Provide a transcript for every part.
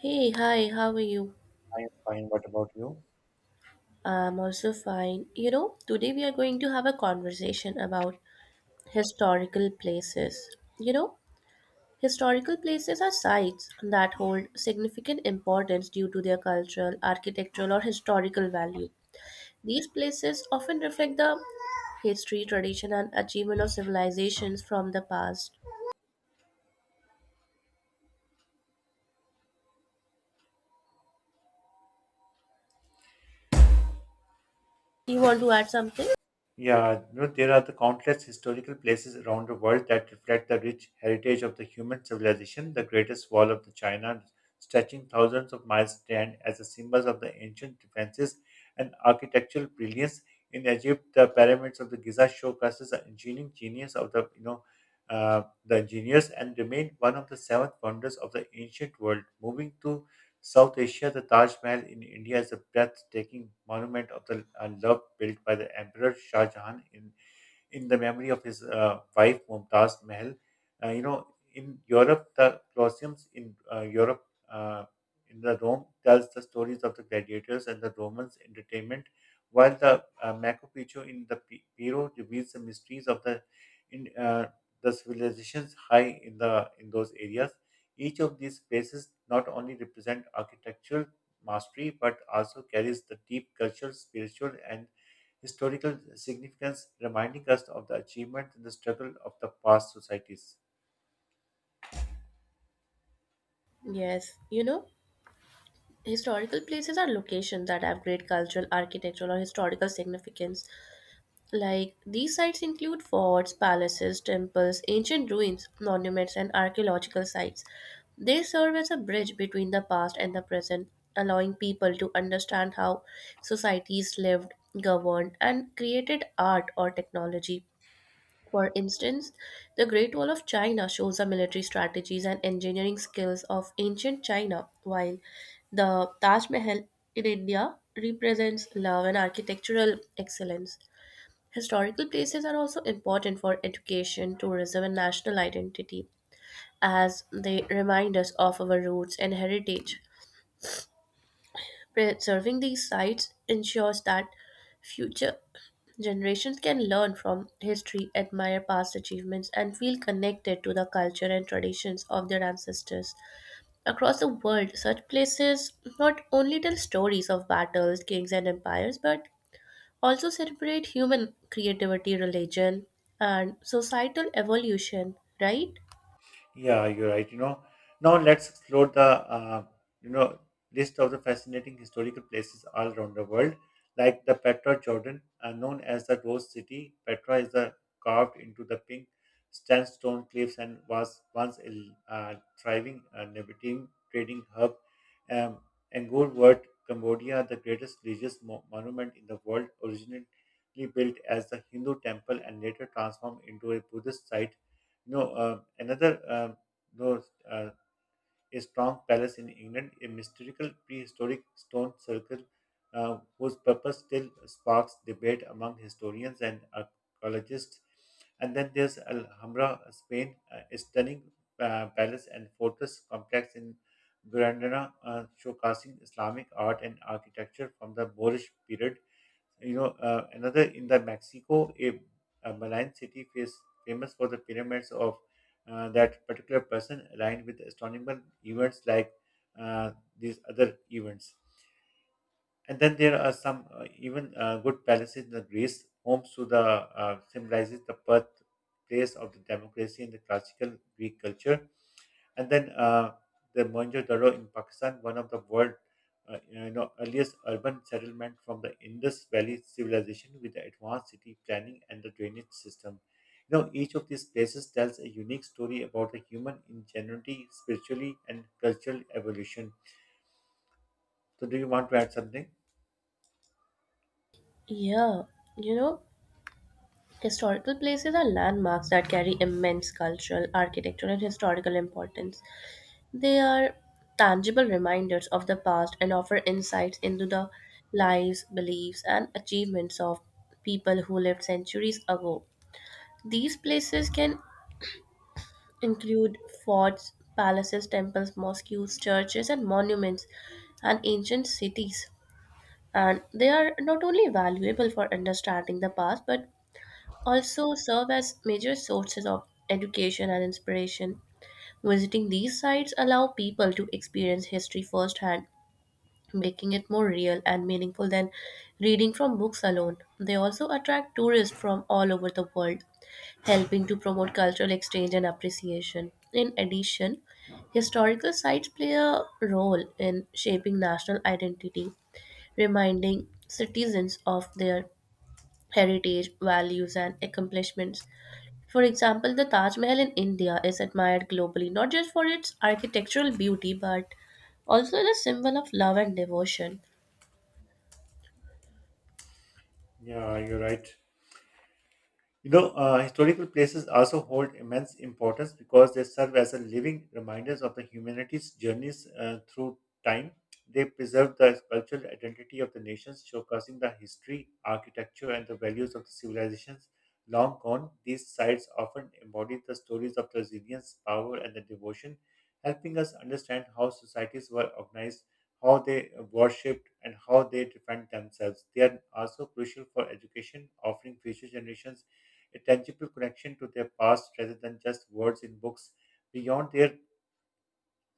Hey, hi, how are you? I am fine. What about you? I'm also fine. You know, today we are going to have a conversation about historical places. You know, historical places are sites that hold significant importance due to their cultural, architectural, or historical value. These places often reflect the history, tradition, and achievement of civilizations from the past. You want to add something? Yeah, you know, there are the countless historical places around the world that reflect the rich heritage of the human civilization. The greatest wall of the China, stretching thousands of miles, stand as a symbol of the ancient defenses and architectural brilliance. In Egypt, the pyramids of the Giza showcases the engineering genius of the you know the engineers and remain one of the 7 wonders of the ancient world. Moving to South Asia, the Taj Mahal in India is a breathtaking monument of the love built by the Emperor Shah Jahan in the memory of his wife Mumtaz Mahal. You know, in Europe, the Colosseums in Europe, uh, in the Rome, tells the stories of the gladiators and the Romans' entertainment, while the Machu Picchu in the Peru reveals the mysteries of the in the civilizations high in the in those areas. Each of these places not only represent architectural mastery but also carries the deep cultural, spiritual, and historical significance, reminding us of the achievement and the struggle of the past societies. Yes, you know, historical places are locations that have great cultural, architectural, or historical significance. Like these sites include forts, palaces, temples, ancient ruins, monuments, and archaeological sites. They serve as a bridge between the past and the present, allowing people to understand how societies lived, governed, and created art or technology. For instance, the Great Wall of China shows the military strategies and engineering skills of ancient China, while the Taj Mahal in India represents love and architectural excellence. Historical places are also important for education, tourism, and national identity as they remind us of our roots and heritage. Preserving these sites ensures that future generations can learn from history, admire past achievements, and feel connected to the culture and traditions of their ancestors. Across the world, such places not only tell stories of battles, kings, and empires, but also celebrate human creativity, religion, and societal evolution, right? Yeah, you're right. You know, now let's explore the you know list of the fascinating historical places all around the world, like the Petra, Jordan, known as the Rose City. Petra is carved into the pink sandstone cliffs and was once a uh, thriving Nabatean trading hub. Um, Angkor Wat, Cambodia, the greatest religious monument in the world, originally built as the Hindu temple and later transformed into a Buddhist site. No, another those a strong palace in England, a mystical prehistoric stone circle whose purpose still sparks debate among historians and archaeologists. And then there's Alhambra, Spain, a stunning palace and fortress complex in Granada, showcasing Islamic art and architecture from the Moorish period. You know, another in the Mexico, a Malayan city is famous for the pyramids of that particular person aligned with astronomical events like uh, these other events. And then there are some even good palaces in the Greece, homes to the symbolizes the birthplace of the democracy in the classical Greek culture. And then the Mohenjo-Daro in Pakistan, one of the world earliest urban settlement from the Indus Valley civilization with the advanced city planning and the drainage system. You know, each of these places tells a unique story about the human ingenuity, spiritually, and cultural evolution. So, do you want to add something? Yeah, you know, historical places are landmarks that carry immense cultural, architectural, and historical importance. They are tangible reminders of the past and offer insights into the lives, beliefs, and achievements of people who lived centuries ago. These places can include forts, palaces, temples, mosques, churches, and monuments, and ancient cities. And they are not only valuable for understanding the past, but also serve as major sources of education and inspiration. Visiting these sites allow people to experience history firsthand, making it more real and meaningful than reading from books alone. They also attract tourists from all over the world, helping to promote cultural exchange and appreciation. In addition, historical sites play a role in shaping national identity, reminding citizens of their heritage, values, and accomplishments. For example, the Taj Mahal in India is admired globally not just for its architectural beauty but also as a symbol of love and devotion. Yeah, you're right. You know, historical places also hold immense importance because they serve as a living reminders of the humanity's journeys through time. They preserve the cultural identity of the nations, showcasing the history, architecture, and the values of the civilizations long gone. These sites often embody the stories of resilience, power, and the devotion, helping us understand how societies were organized, how they worshipped, and how they defend themselves. They are also crucial for education, offering future generations a tangible connection to their past rather than just words in books. Beyond their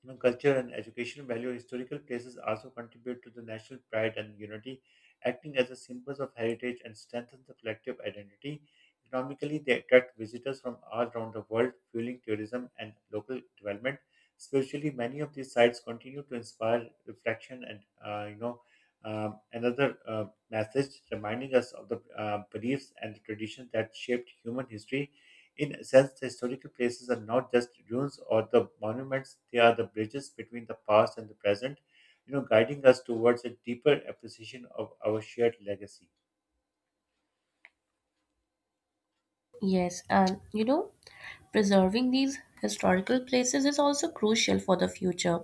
culture and educational value, historical places also contribute to the national pride and unity, acting as a symbols of heritage and strengthen the collective identity. Economically, they attract visitors from all around the world, fueling tourism and local development. Spiritually, many of these sites continue to inspire reflection and another message reminding us of the beliefs and the traditions that shaped human history. In a sense, the historical places are not just ruins or the monuments, they are the bridges between the past and the present, you know, guiding us towards a deeper appreciation of our shared legacy. Yes, and you know, preserving these historical places is also crucial for the future.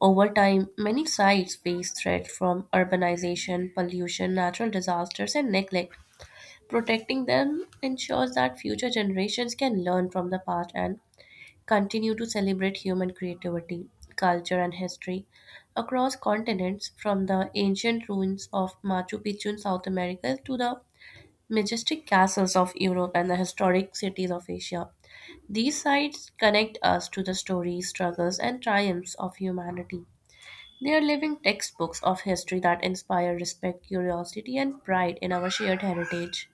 Over time, many sites face threats from urbanization, pollution, natural disasters, and neglect. Protecting them ensures that future generations can learn from the past and continue to celebrate human creativity, culture, and history. Across continents, from the ancient ruins of Machu Picchu in South America to the majestic castles of Europe and the historic cities of Asia, these sites connect us to the stories, struggles, and triumphs of humanity. They are living textbooks of history that inspire respect, curiosity, and pride in our shared heritage.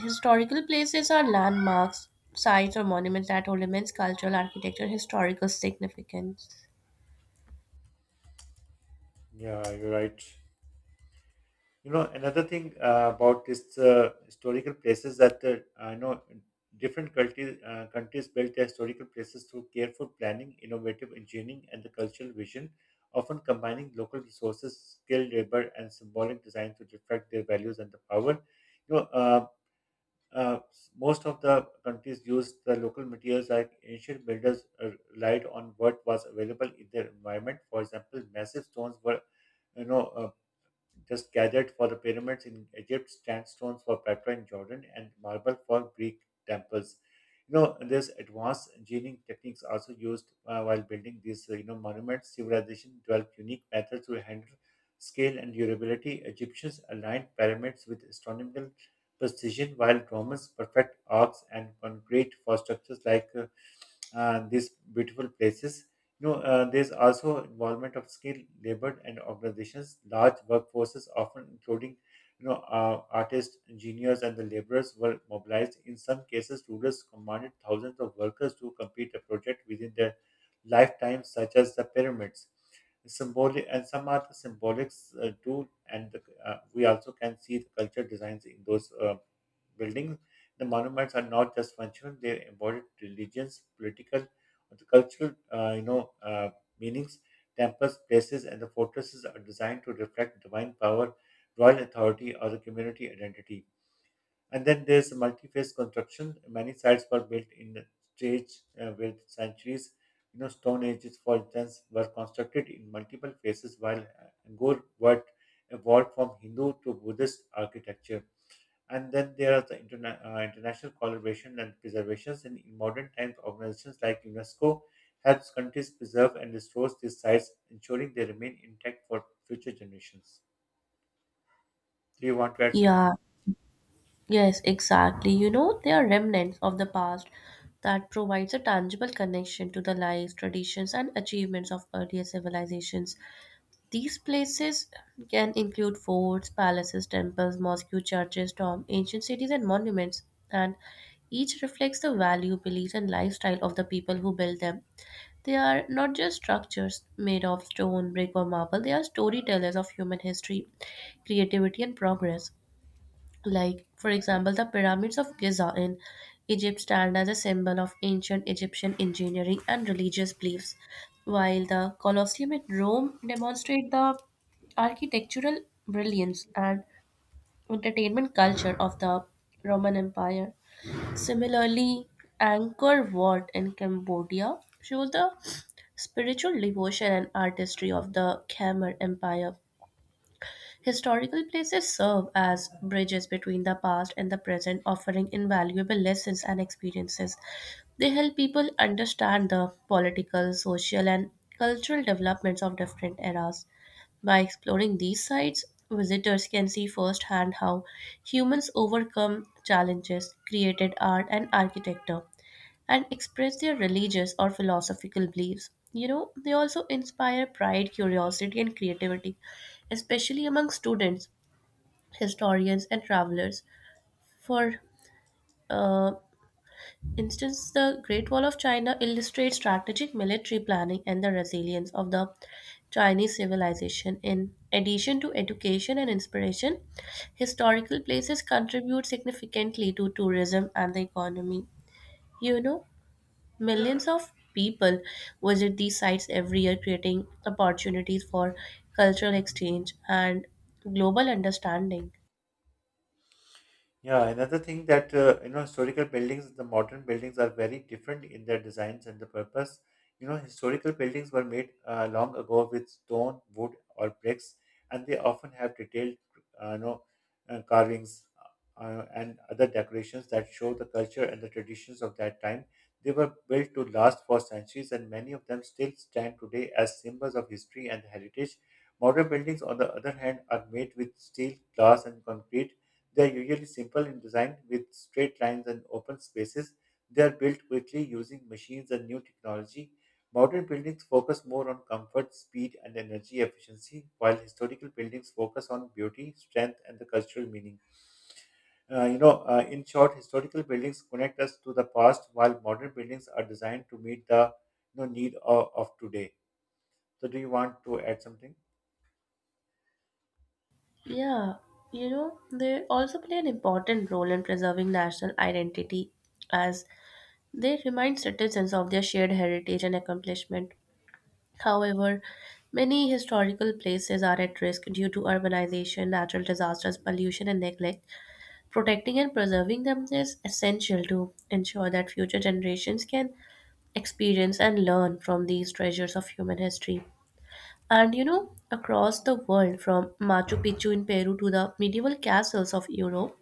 Historical places are landmarks, sites, or monuments that hold immense cultural, architecture, historical significance. Yeah, you're right. You know, another thing about this historical places that I know different countries, countries built their historical places through careful planning, innovative engineering, and the cultural vision, often combining local resources, skilled labor, and symbolic design to reflect their values and the power. You know, uh, Uh, Most of the countries used the local materials like ancient builders relied on what was available in their environment. For example, massive stones were you know uh, just gathered for the pyramids in Egypt, sandstones for Petra in Jordan, and marble for Greek temples. You know, there's advanced engineering techniques also used while building these, monuments. Civilization developed unique methods to handle scale and durability. Egyptians aligned pyramids with astronomical precision, while Romans perfect arcs and concrete for structures like these beautiful places. You know, there's also involvement of skilled labor and organizations, large workforces, often including artists, engineers, and the laborers were mobilized. In some cases, rulers commanded thousands of workers to complete a project within their lifetime, such as the pyramids. Symbolic and some are the symbolics too, and the, we also can see the culture designs in those buildings. The monuments are not just functional; they embody religions, political, and cultural, meanings. Temples, places, and the fortresses are designed to reflect divine power, royal authority, or the community identity. And then there's multi-phase construction. Many sites were built in the stage with centuries. You know, stone ages, for instance, were constructed in multiple phases, while Angkor Wat evolved from Hindu to Buddhist architecture. And then there are the international collaboration and preservations. In modern times, organizations like UNESCO helps countries preserve and restore these sites, ensuring they remain intact for future generations. Do you want to add something? Yeah, yes, exactly. You know, they are remnants of the past that provides a tangible connection to the lives, traditions, and achievements of earlier civilizations. These places can include forts, palaces, temples, mosques, churches, tombs, ancient cities, and monuments, and each reflects the value, beliefs, and lifestyle of the people who built them. They are not just structures made of stone, brick, or marble, they are storytellers of human history, creativity, and progress. Like, for example, the pyramids of Giza in Egypt stand as a symbol of ancient Egyptian engineering and religious beliefs, while the Colosseum in Rome demonstrate the architectural brilliance and entertainment culture of the Roman Empire. Similarly, Angkor Wat in Cambodia shows the spiritual devotion and artistry of the Khmer Empire. Historical places serve as bridges between the past and the present, offering invaluable lessons and experiences. They help people understand the political, social, and cultural developments of different eras. By exploring these sites, visitors can see firsthand how humans overcome challenges, created art, and architecture and express their religious or philosophical beliefs. You know, they also inspire pride, curiosity, and creativity, especially among students, historians, and travelers. For uh, instance, the Great Wall of China illustrates strategic military planning and the resilience of the Chinese civilization. In addition to education and inspiration, historical places contribute significantly to tourism and the economy. You know, millions of people visit these sites every year, creating opportunities for cultural exchange and global understanding. Yeah, another thing that historical buildings, the modern buildings are very different in their designs and the purpose. You know, historical buildings were made long ago with stone, wood, or bricks, and they often have detailed, uh, you know, carvings and other decorations that show the culture and the traditions of that time. They were built to last for centuries, and many of them still stand today as symbols of history and heritage. Modern buildings, on the other hand, are made with steel, glass, and concrete. They are usually simple in design with straight lines and open spaces. They are built quickly using machines and new technology. Modern buildings focus more on comfort, speed, and energy efficiency, while historical buildings focus on beauty, strength, and the cultural meaning. In short, historical buildings connect us to the past, while modern buildings are designed to meet the you know, need of today. So, do you want to add something? Yeah, you know, they also play an important role in preserving national identity as they remind citizens of their shared heritage and accomplishment. However, many historical places are at risk due to urbanization, natural disasters, pollution, and neglect. Protecting and preserving them is essential to ensure that future generations can experience and learn from these treasures of human history. And you know, across the world, from Machu Picchu in Peru to the medieval castles of Europe,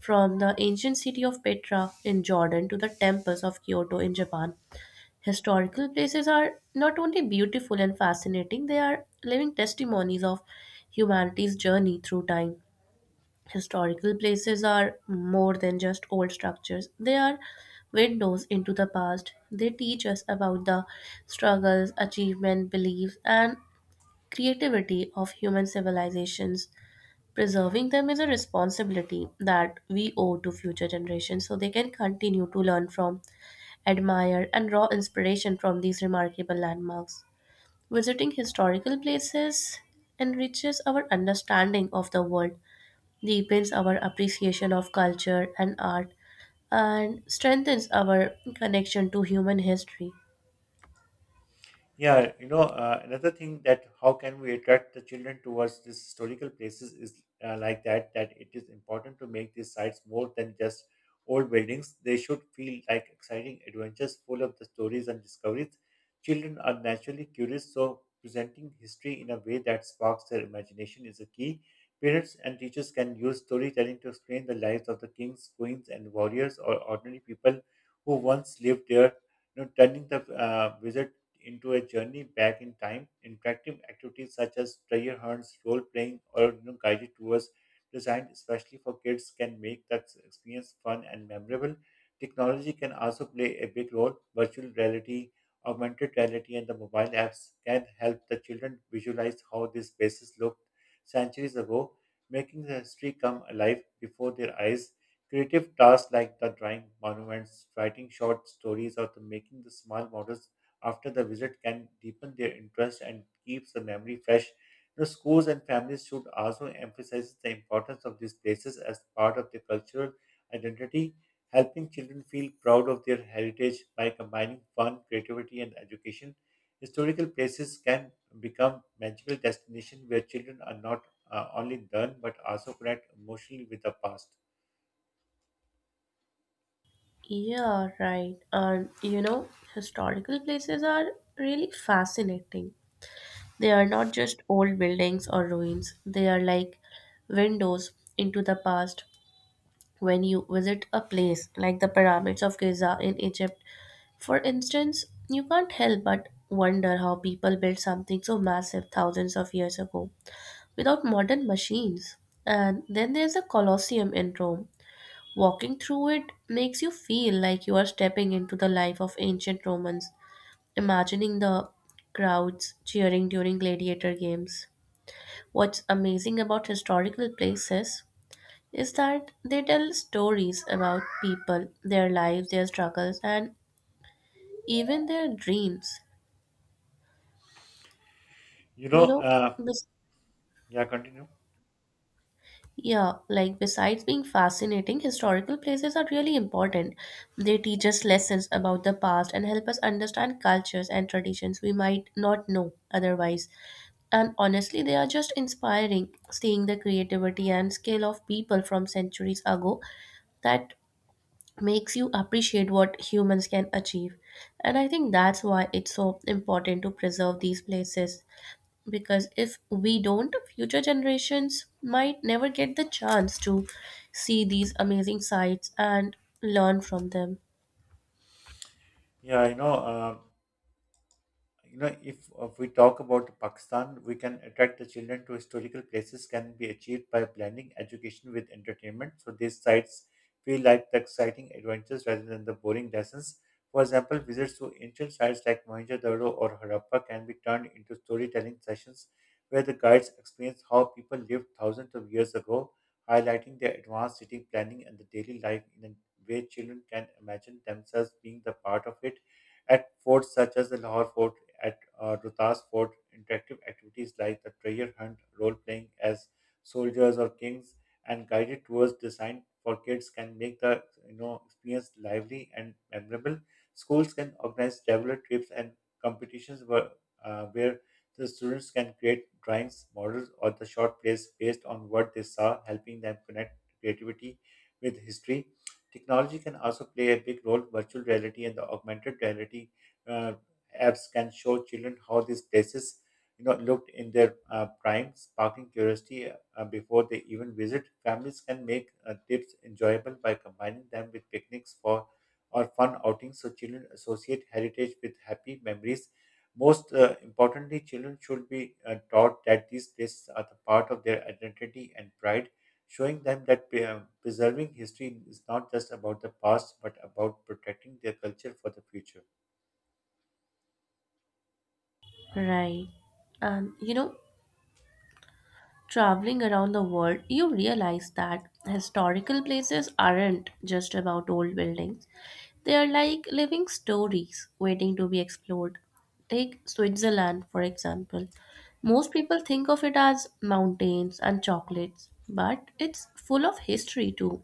from the ancient city of Petra in Jordan to the temples of Kyoto in Japan, historical places are not only beautiful and fascinating, they are living testimonies of humanity's journey through time. Historical places are more than just old structures. They are windows into the past. They teach us about the struggles, achievement, beliefs, and creativity of human civilizations. Preserving them is a responsibility that we owe to future generations so they can continue to learn from, admire, and draw inspiration from these remarkable landmarks. Visiting historical places enriches our understanding of the world, deepens our appreciation of culture and art, and strengthens our connection to human history. Yeah, you know, another thing that how can we attract the children towards these historical places is like that it is important to make these sites more than just old buildings. They should feel like exciting adventures full of the stories and discoveries. Children are naturally curious, so presenting history in a way that sparks their imagination is a key. Parents and teachers can use storytelling to explain the lives of the kings, queens, and warriors or ordinary people who once lived there, you know, turning the visit into a journey back in time. Interactive activities such as treasure hunts, role playing, or you know, guided tours designed especially for kids can make that experience fun and memorable. Technology can also play a big role. Virtual reality, augmented reality, and the mobile apps can help the children visualize how these spaces looked centuries ago, making the history come alive before their eyes. Creative tasks like the drawing monuments, writing short stories, or the making the small models after the visit can deepen their interest and keeps the memory fresh. The schools and families should also emphasize the importance of these places as part of their cultural identity, helping children feel proud of their heritage by combining fun, creativity, and education. Historical places can become magical destinations where children are not only learn but also connect emotionally with the past. Yeah, right. And you know, historical places are really fascinating. They are not just old buildings or ruins, they are like windows into the past. When you visit a place like the pyramids of Giza in Egypt, for instance, you can't help but wonder how people built something so massive thousands of years ago, without modern machines. And then there's a Colosseum in Rome. Walking through it makes you feel like you are stepping into the life of ancient Romans, imagining the crowds cheering during gladiator games. What's amazing about historical places is that they tell stories about people, their lives, their struggles, and even their dreams. You know, You know, uh, this yeah, continue. Yeah, like besides being fascinating, historical places are really important. They teach us lessons about the past and help us understand cultures and traditions we might not know otherwise. And honestly, they are just inspiring. Seeing the creativity and skill of people from centuries ago, that makes you appreciate what humans can achieve. And I think that's why it's so important to preserve these places, because if we don't, future generations might never get the chance to see these amazing sights and learn from them. Yeah, if we talk about Pakistan, we can attract the children to historical places can be achieved by blending education with entertainment. So these sites feel like the exciting adventures rather than the boring lessons. For example, visits to ancient sites like Mohenjo-daro or Harappa can be turned into storytelling sessions where the guides experience how people lived thousands of years ago, highlighting their advanced city planning and the daily life in a way children can imagine themselves being the part of it. At forts such as the Lahore Fort at Rotas Fort, interactive activities like the treasure hunt, role playing as soldiers or kings, and guided tours designed for kids can make the you know experience lively and memorable. Schools can organize traveler trips and competitions where, where the students can create drawings, models, or the short plays based on what they saw, helping them connect creativity with history. Technology can also play a big role. Virtual reality and the augmented reality uh, apps can show children how these places, you know, looked in their prime, sparking curiosity before they even visit. Families can make trips enjoyable by combining them with picnics for or fun outings, so children associate heritage with happy memories. Most importantly, children should be taught that these places are the part of their identity and pride, showing them that preserving history is not just about the past but about protecting their culture for the future. Right. And you know, traveling around the world, you realize that historical places aren't just about old buildings. They are like living stories waiting to be explored. Take Switzerland, for example. Most people think of it as mountains and chocolates, but it's full of history too.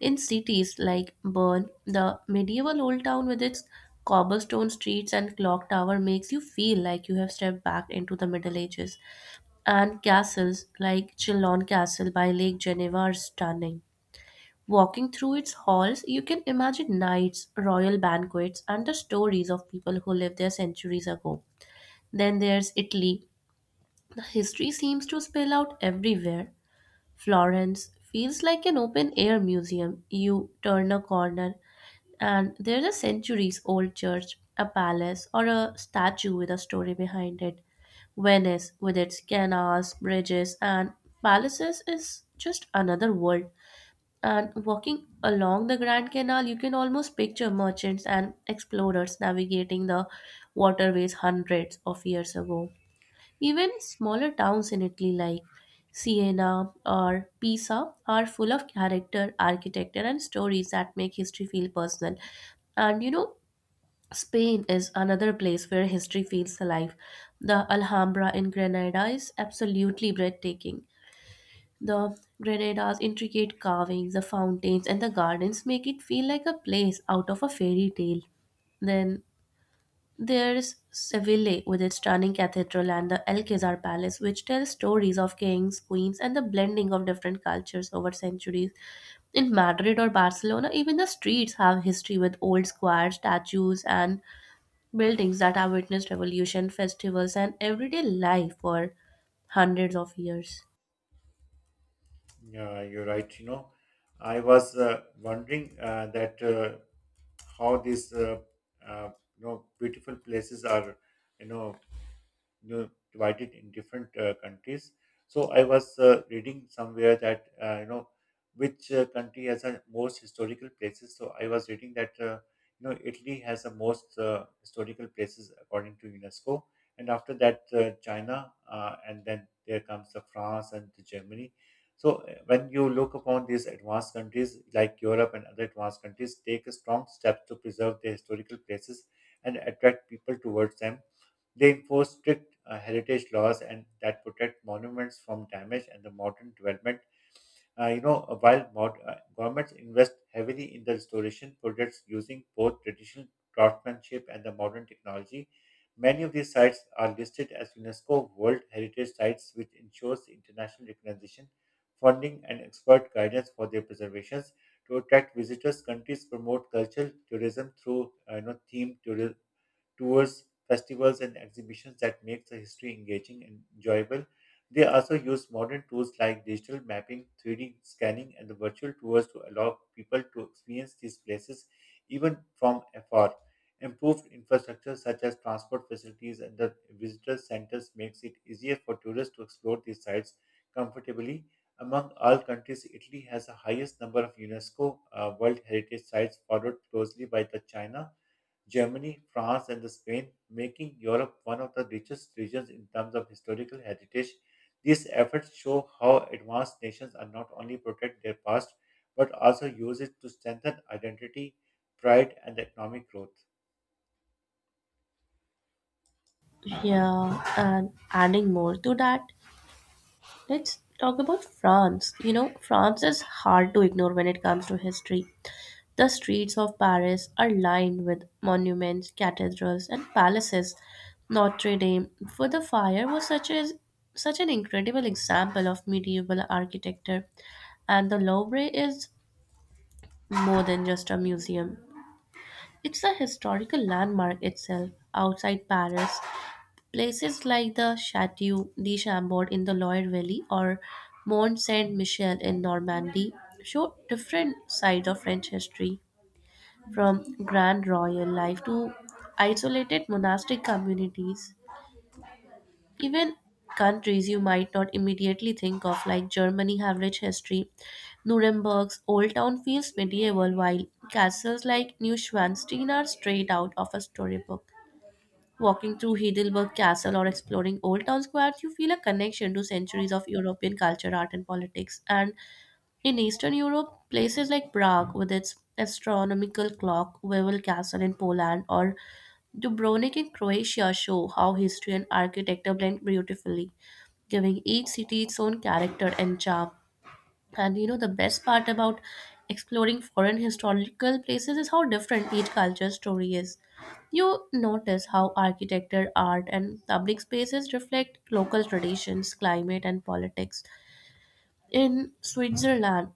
In cities like Bern, the medieval old town with its cobblestone streets and clock tower makes you feel like you have stepped back into the Middle Ages. And castles like Chillon Castle by Lake Geneva are stunning. Walking through its halls, you can imagine knights, royal banquets, and the stories of people who lived there centuries ago. Then there's Italy. The history seems to spill out everywhere. Florence feels like an open air museum. You turn a corner and there's a centuries old church, a palace, or a statue with a story behind it. Venice, with its canals, bridges, and palaces, is just another world. And walking along the Grand Canal, you can almost picture merchants and explorers navigating the waterways hundreds of years ago. Even smaller towns in Italy like Siena or Pisa are full of character, architecture, and stories that make history feel personal. And you know, Spain is another place where history feels alive. The Alhambra in Granada is absolutely breathtaking. The Granada's intricate carvings, the fountains, and the gardens make it feel like a place out of a fairy tale. Then there is Seville with its stunning cathedral and the Alcazar Palace, which tells stories of kings, queens, and the blending of different cultures over centuries. In Madrid or Barcelona, even the streets have history with old squares, statues, and buildings that have witnessed revolution, festivals, and everyday life for hundreds of years. Yeah, you're right. You know, I was wondering that how these uh, you know beautiful places are, you know, divided in different countries. So I was reading somewhere that you know which country has the most historical places. So I was reading that you know Italy has the most historical places according to UNESCO, and after that China, and then there comes the France and the Germany. So when you look upon these advanced countries like Europe and other advanced countries, take a strong step to preserve their historical places and attract people towards them, they enforce strict heritage laws and that protect monuments from damage and the modern development. Governments invest heavily in the restoration projects using both traditional craftsmanship and the modern technology. Many of these sites are listed as UNESCO World Heritage Sites, which ensures international recognition, funding, and expert guidance for their preservations. To attract visitors, countries promote cultural tourism through themed tourism tours, festivals, and exhibitions that makes the history engaging and enjoyable. They also use modern tools like digital mapping, 3D scanning, and the virtual tours to allow people to experience these places even from afar. Improved infrastructure such as transport facilities and the visitor centers makes it easier for tourists to explore these sites comfortably. Among all countries, Italy has the highest number of UNESCO World Heritage Sites, followed closely by the China, Germany, France, and Spain, making Europe one of the richest regions in terms of historical heritage. These efforts show how advanced nations are not only protect their past but also use it to strengthen identity, pride, and economic growth. Yeah, and adding more to that, let's talk about France. You know, France is hard to ignore when it comes to history. The streets of Paris are lined with monuments, cathedrals, and palaces. Notre Dame for the Fire was such an incredible example of medieval architecture, and the Louvre is more than just a museum. It's a historical landmark itself. Outside Paris, places like the Chateau de Chambord in the Loire Valley or Mont Saint Michel in Normandy show different sides of French history, from grand royal life to isolated monastic communities. Even countries you might not immediately think of, like Germany, have rich history. Nuremberg's old town feels medieval, while castles like Neuschwanstein are straight out of a storybook. Walking through Heidelberg Castle or exploring Old Town Square, you feel a connection to centuries of European culture, art, and politics. And in Eastern Europe, places like Prague with its astronomical clock, Wawel Castle in Poland, or Dubrovnik in Croatia show how history and architecture blend beautifully, giving each city its own character and charm. And the best part about exploring foreign historical places is how different each culture's story is. You notice how architecture, art, and public spaces reflect local traditions, climate, and politics. In Switzerland,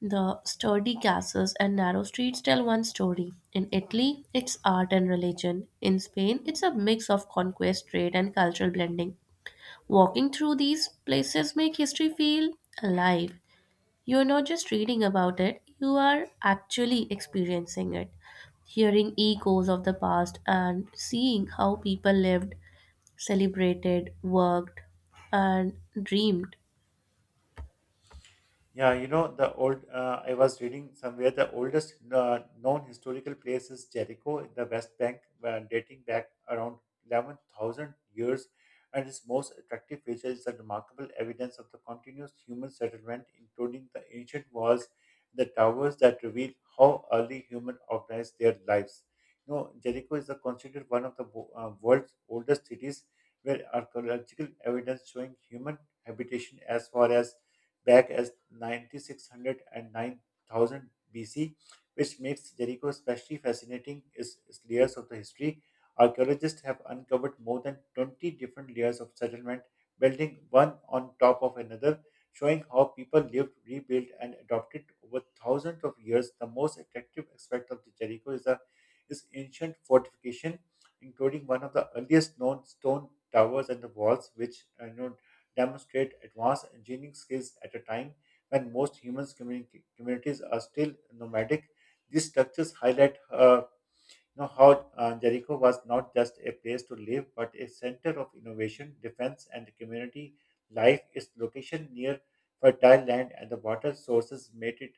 the sturdy castles and narrow streets tell one story. In Italy, it's art and religion. In Spain, it's a mix of conquest, trade, and cultural blending. Walking through these places make history feel alive. You're not just reading about it, you are actually experiencing it. Hearing echoes of the past and seeing how people lived, celebrated, worked, and dreamed. Yeah, you know, I was reading somewhere the oldest known historical place is Jericho in the West Bank, dating back around 11,000 years. And its most attractive feature is the remarkable evidence of the continuous human settlement, including the ancient walls, the towers that reveal how early humans organized their lives. You know, Jericho is the considered one of the world's oldest cities, where archaeological evidence showing human habitation as far as back as 9600 BC, which makes Jericho especially fascinating is its layers of the history. Archaeologists have uncovered more than 20 different layers of settlement, building one on top of another, showing how people lived, rebuilt, and adopted over thousands of years. The most attractive aspect of the Jericho is the is ancient fortification, including one of the earliest known stone towers and the walls, which you know, demonstrate advanced engineering skills at a time when most human communities are still nomadic. These structures highlight you know how Jericho was not just a place to live, but a center of innovation, defense, and community life. Its location near fertile land and the water sources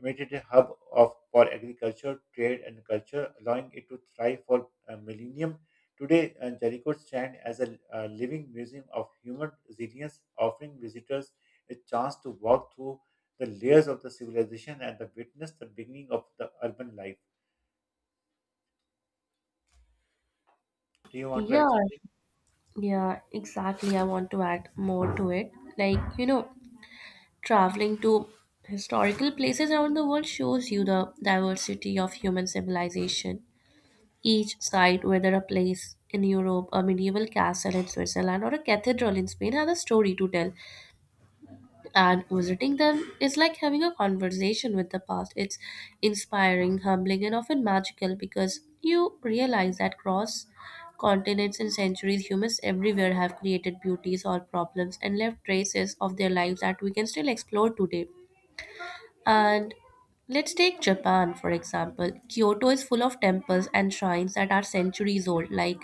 made it a hub of for agriculture, trade, and culture, allowing it to thrive for a millennium. Today, Jericho stands as a living museum of human resilience, offering visitors a chance to walk through the layers of the civilization and the witness the beginning of the urban life. Do you want to Yeah, add something? yeah, exactly. I want to add more to it. Like, you know, Traveling to historical places around the world shows you the diversity of human civilization. Each site, whether a place in Europe, a medieval castle in Switzerland, or a cathedral in Spain, has a story to tell, and visiting them is like having a conversation with the past. It's inspiring, humbling, and often magical because you realize that across continents and centuries, humans everywhere have created beauty, solved problems, and left traces of their lives that we can still explore today. And let's take Japan, for example. Kyoto is full of temples and shrines that are centuries old, like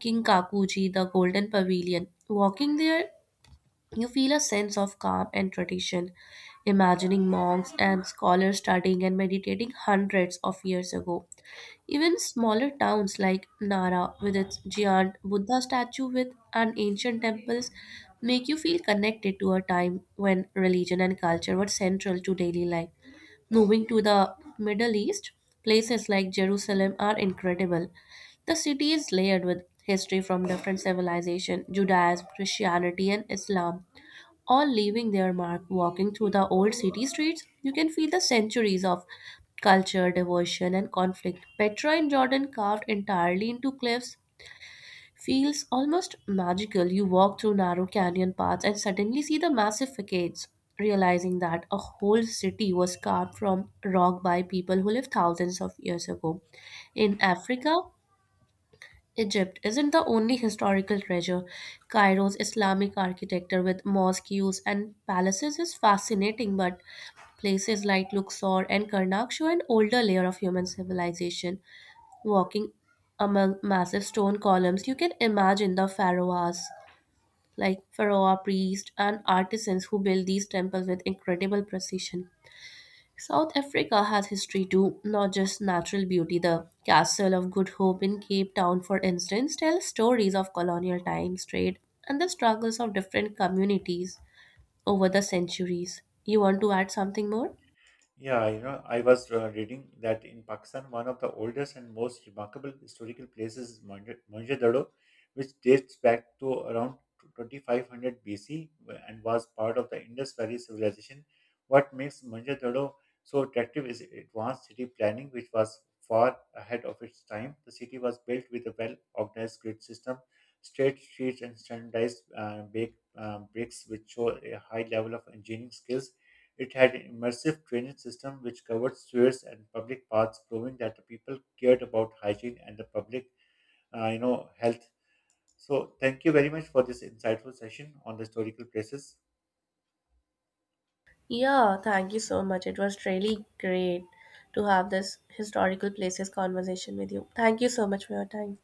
Kinkakuji, the Golden Pavilion. Walking there, you feel a sense of calm and tradition, imagining monks and scholars studying and meditating hundreds of years ago. Even smaller towns like Nara, with its giant Buddha statue with and ancient temples, make you feel connected to a time when religion and culture were central to daily life. Moving to the Middle East, places like Jerusalem are incredible. The city is layered with history from different civilizations, Judaism, Christianity, and Islam all leaving their mark. Walking through the old city streets, you can feel the centuries of culture, devotion, and conflict. Petra in Jordan, carved entirely into cliffs, feels almost magical. You walk through narrow canyon paths and suddenly see the massive facades, realizing that a whole city was carved from rock by people who lived thousands of years ago. In Africa, Egypt isn't the only historical treasure. Cairo's Islamic architecture with mosques and palaces is fascinating, but places like Luxor and Karnak show an older layer of human civilization. Walking among massive stone columns, you can imagine the pharaohs, like pharaoh priests and artisans who built these temples with incredible precision. South Africa has history too, not just natural beauty. The Castle of Good Hope in Cape Town, for instance, tells stories of colonial times, trade, and the struggles of different communities over the centuries. You want to add something more? Yeah, you know, I was reading that in Pakistan, one of the oldest and most remarkable historical places is Mohenjo-daro, which dates back to around 2500 BC and was part of the Indus Valley civilization. What makes Mohenjo-daro so attractive is advanced city planning, which was far ahead of its time. The city was built with a well-organized grid system, straight streets, and standardized bricks, which show a high level of engineering skills. It had an immersive drainage system which covered sewers and public paths, proving that the people cared about hygiene and the public, you know, health. So, thank you very much for this insightful session on the historical places. Yeah, thank you so much. It was really great to have this historical places conversation with you. Thank you so much for your time.